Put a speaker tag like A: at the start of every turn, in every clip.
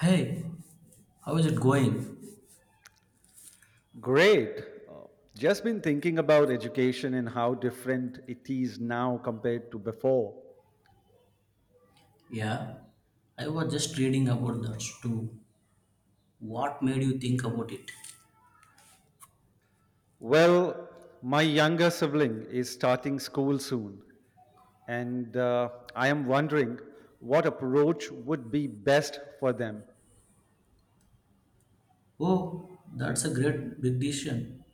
A: Hey, how is it going?
B: Great. Uh, Just been thinking about education and how different it is now compared to before.
A: Yeah, I was just reading about that too. What made you think about it?
B: Well, my younger sibling is starting school soon, and I am wondering what approach would be best for them.
A: Oh, that's a great big decision.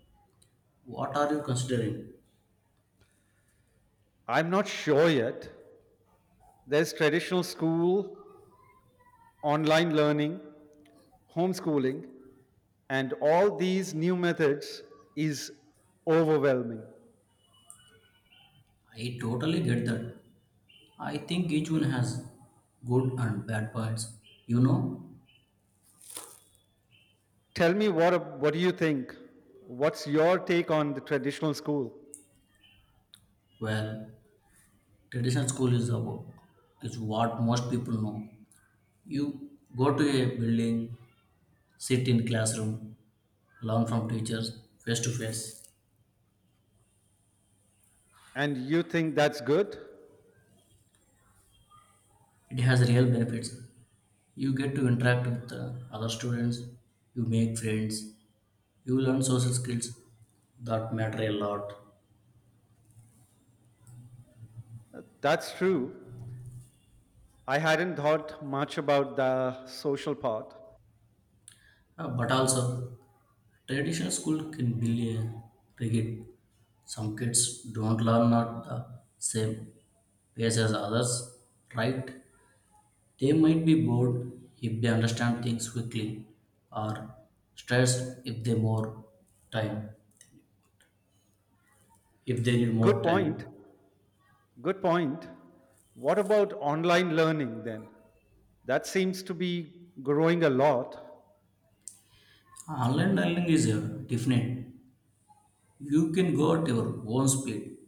A: What are you considering?
B: I'm not sure yet. There's traditional school, online learning, homeschooling, and all these new methods is overwhelming.
A: I totally get that. I think each one has good and bad parts. You know,
B: Tell me what do you think? What's your take on the traditional school?
A: well, traditional school is what most people know. You go to a building, sit in classroom, learn from teachers face to face.
B: And you think that's good?
A: It has real benefits. You get to interact with other students, you make friends, you learn social skills that matter a lot.
B: That's true. I hadn't thought much about the social part.
A: But also, traditional school can be rigid. Some kids don't learn at the same pace as others, right? They might be bored if they understand things quickly, or stressed time if they need more
B: Good point.
A: time.
B: Good point. What about online learning then? That seems to be growing a lot.
A: Online learning is different. You can go at your own speed.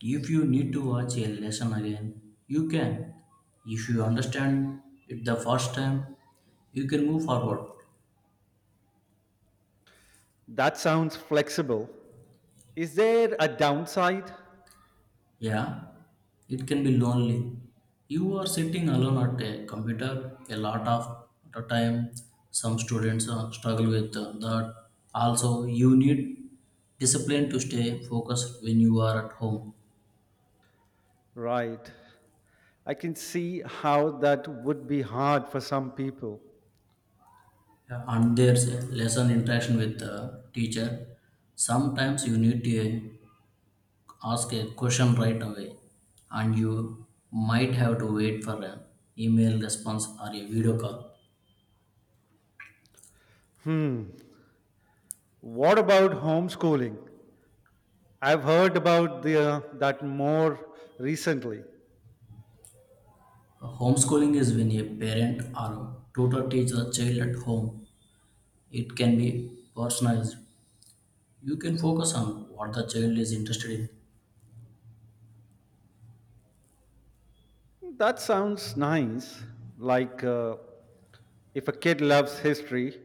A: If you need to watch a lesson again, you can. If you understand it the first time, you can move forward.
B: That sounds flexible. Is there a downside?
A: Yeah, it can be lonely. You are sitting alone at a computer a lot of the time. Some students struggle with that. Also, you need discipline to stay focused when you are at home.
B: Right. I can see how that would be hard for some people.
A: Yeah, and there's a lesson interaction with the teacher. Sometimes you need to ask a question right away, and you might have to wait for an email response or a video call.
B: Hmm. What about homeschooling? I've heard about that more recently.
A: Homeschooling is when a parent or tutor teaches a child at home. It can be personalized. You can focus on what the child is interested in.
B: That sounds nice. Like if a kid loves history,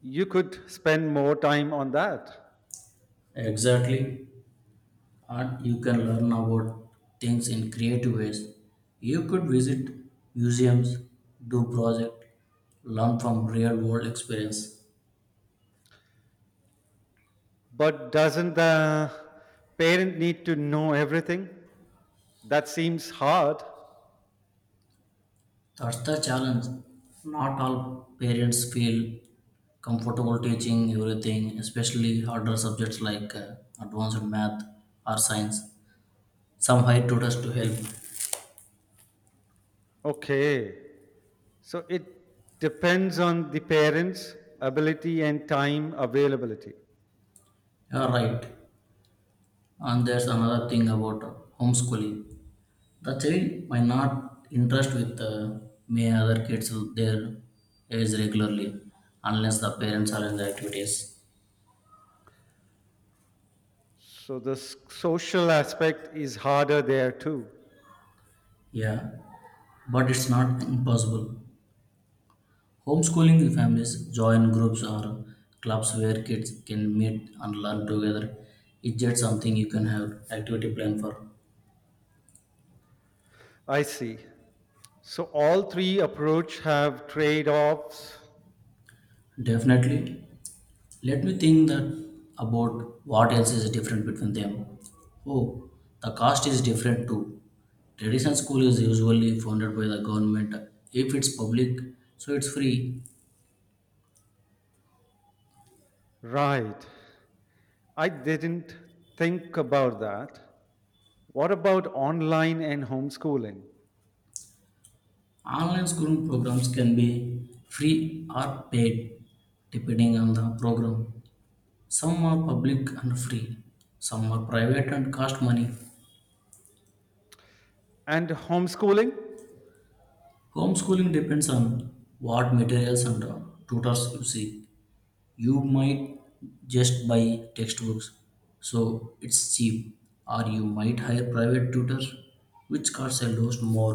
B: you could spend more time on that.
A: Exactly. Or you can learn about things in creative ways. You could visit museums, do projects, learn from real world experience.
B: But doesn't the parent need to know everything? That seems hard.
A: That's the challenge. Not all parents feel comfortable teaching everything, especially harder subjects like advanced math or science. Some hire tutors to help.
B: Okay. So it depends on the parents' ability and time availability.
A: You're right. And there's another thing about homeschooling. The child might not interest with may other kids with their age regularly unless the parents are in the activities.
B: So the social aspect is harder there too.
A: Yeah, but it's not impossible. Homeschooling families join groups or clubs where kids can meet and learn together. It's just something you can have activity plan for.
B: I see. So all three approach have trade-offs.
A: Definitely. Let me think that about what else is different between them. Oh, the cost is different too. Traditional school is usually funded by the government. If it's public, so it's free.
B: Right. I didn't think about that. What about online and homeschooling?
A: Online schooling programs can be free or paid depending on the program. Some are public and free, some are private and cost money.
B: And homeschooling?
A: Homeschooling depends on what materials and tutors you see. You might just buy textbooks so it's cheap, or you might hire private tutor which costs a lot more.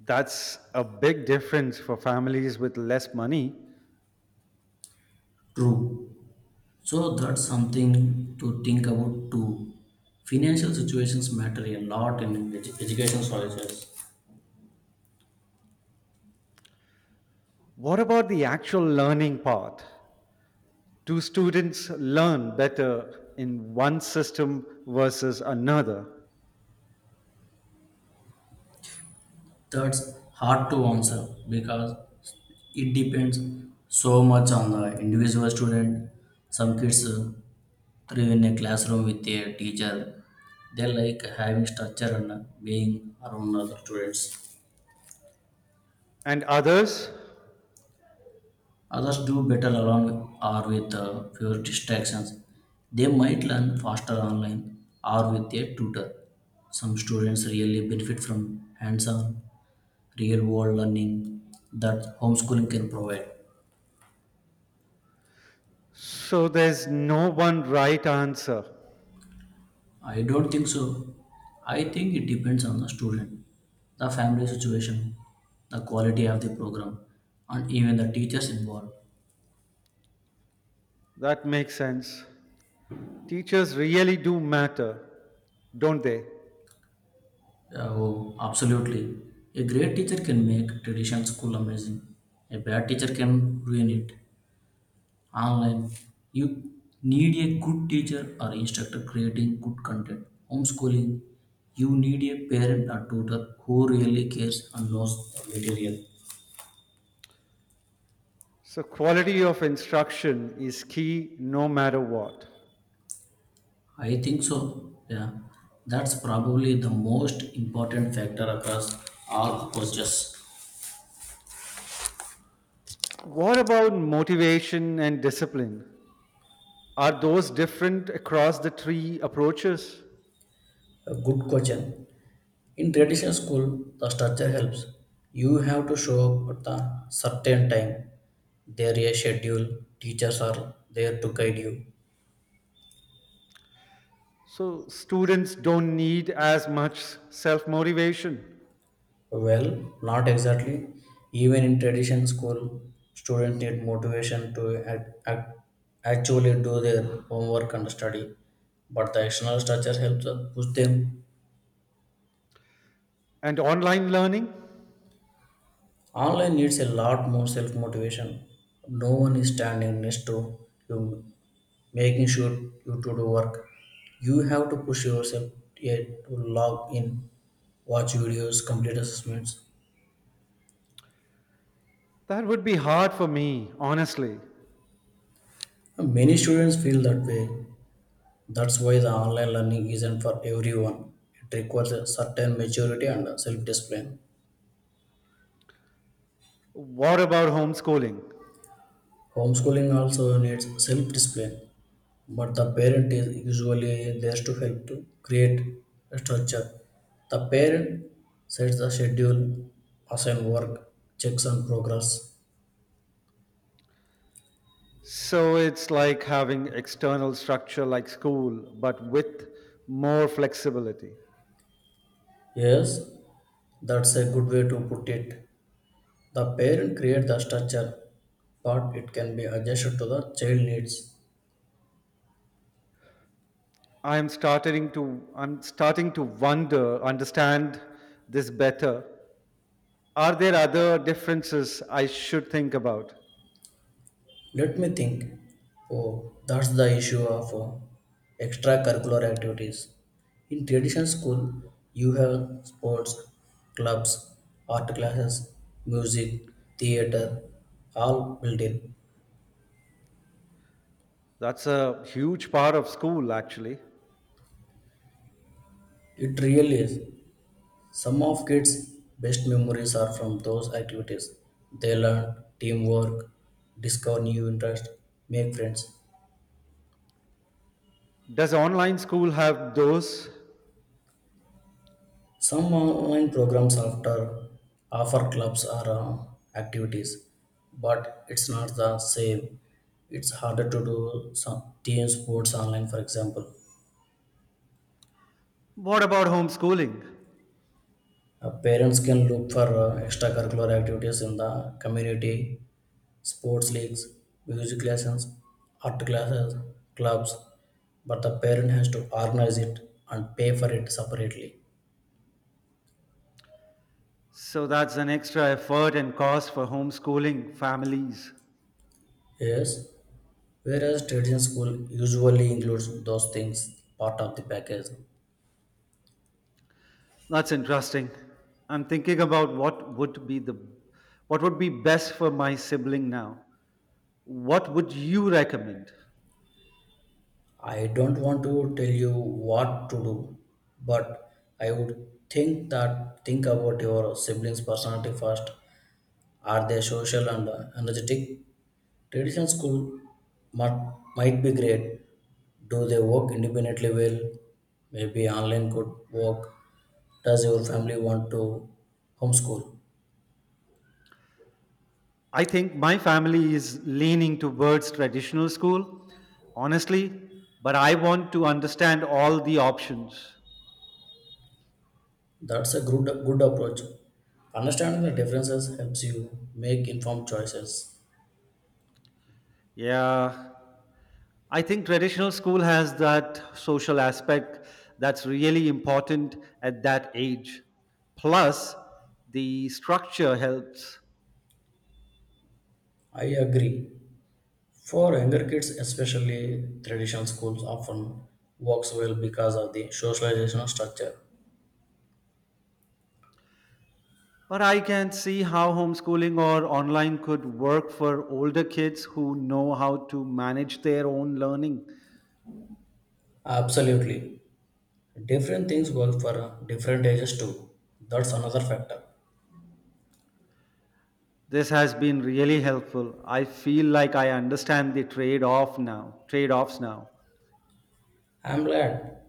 B: That's a big difference for families with less money.
A: True, so that's something to think about too. Financial situations matter a lot in education choices.
B: What about the actual learning part? Do students learn better in one system versus another?
A: That's hard to answer because it depends so much on the individual student. Some kids thrive in a classroom with a teacher. They like having structure and being around other students.
B: And others?
A: Others do better alone or with fewer distractions. They might learn faster online or with a tutor. Some students really benefit from hands on, real world learning that homeschooling can provide.
B: So there's no one right answer.
A: I don't think so. I think it depends on the student, the family situation, the quality of the program, and even the teachers involved.
B: That makes sense. Teachers really do matter, don't they?
A: Oh, absolutely. A great teacher can make traditional school amazing. A bad teacher can ruin it. Online, you need a good teacher or instructor creating good content. Homeschooling, you need a parent or tutor who really cares and knows the material.
B: So, quality of instruction is key no matter what.
A: I think so. Yeah, that's probably the most important factor across all coaches.
B: What about motivation and discipline? Are those different across the three approaches?
A: A good question. In traditional school, the structure helps. You have to show up at a certain time. There is a schedule. Teachers are there to guide you.
B: So, students don't need as much self motivation.
A: Well, not exactly. Even in traditional school, students need motivation to actually do their homework and study. But the external structure helps us push them.
B: And online learning?
A: Online needs a lot more self motivation. No one is standing next to you, making sure you to do work. You have to push yourself yet to log in, watch videos, complete assessments.
B: That would be hard for me, honestly.
A: Many students feel that way. That's why the online learning isn't for everyone. It requires a certain maturity and self discipline.
B: What about homeschooling?
A: Homeschooling also needs self discipline, but the parent is usually there to help to create a structure. The parent sets the schedule, assign work, checks on progress.
B: So it's like having external structure like school, but with more flexibility.
A: Yes, that's a good way to put it. The parent creates the structure, but it can be adjusted to the child needs.
B: I'm starting to understand this better. Are there other differences I should think about?
A: Let me think. Oh, that's the issue of extracurricular activities. In traditional school, you have sports, clubs, art classes, music, theater, all built in.
B: That's a huge part of school actually.
A: It really is. Some of kids' best memories are from those activities. They learn teamwork, discover new interests, make friends.
B: Does online school have those?
A: Some online programs after offer clubs or activities, but it's not the same. It's harder to do some team sports online, for example.
B: What about homeschooling?
A: Parents can look for extracurricular activities in the community, sports leagues, music lessons, art classes, clubs, but the parent has to organize it and pay for it separately.
B: So that's an extra effort and cost for homeschooling families.
A: Yes, whereas tradition school usually includes those things part of the package.
B: That's interesting. I'm thinking about what would be the what would be best for my sibling now. What would you recommend?
A: I don't want to tell you what to do, but I would think that think about your siblings' personality first. Are they social and energetic? Tradition school might, might be great. Do they work independently well? Maybe online could work. Does your family want to homeschool?
B: I think my family is leaning towards traditional school, honestly, but I want to understand all the options.
A: That's a good approach. Understanding the differences helps you make informed choices.
B: Yeah, I think traditional school has that social aspect that's really important at that age. Plus, the structure helps.
A: I agree. For younger kids, especially traditional schools often works well because of the socialization structure.
B: But I can see how homeschooling or online could work for older kids who know how to manage their own learning.
A: Absolutely. Different things work for different ages too. That's another factor.
B: This has been really helpful. I feel like I understand the trade-offs now.
A: I'm glad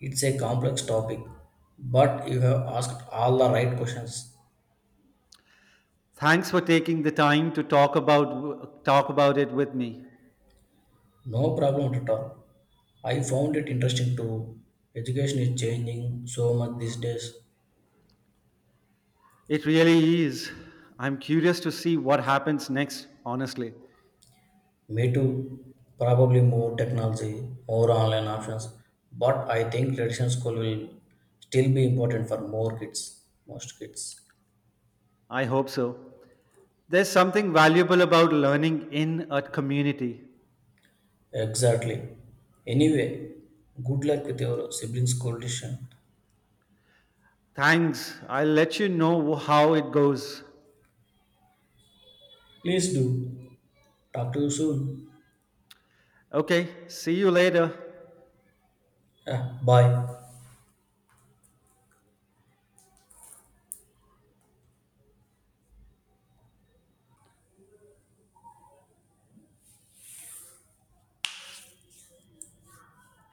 A: it's a complex topic, but you have asked all the right questions.
B: Thanks for taking the time to talk about it with me.
A: No problem at all. I found it interesting too. Education is changing so much these days.
B: It really is. I'm curious to see what happens next, honestly.
A: Me too. Probably more technology, more online options. But I think traditional school will still be important for most kids.
B: I hope so. There's something valuable about learning in a community.
A: Exactly. Anyway, good luck with your sibling's school decision.
B: Thanks. I'll let you know how it goes.
A: Please do. Talk to you soon.
B: Okay, see you later.
A: Yeah, bye.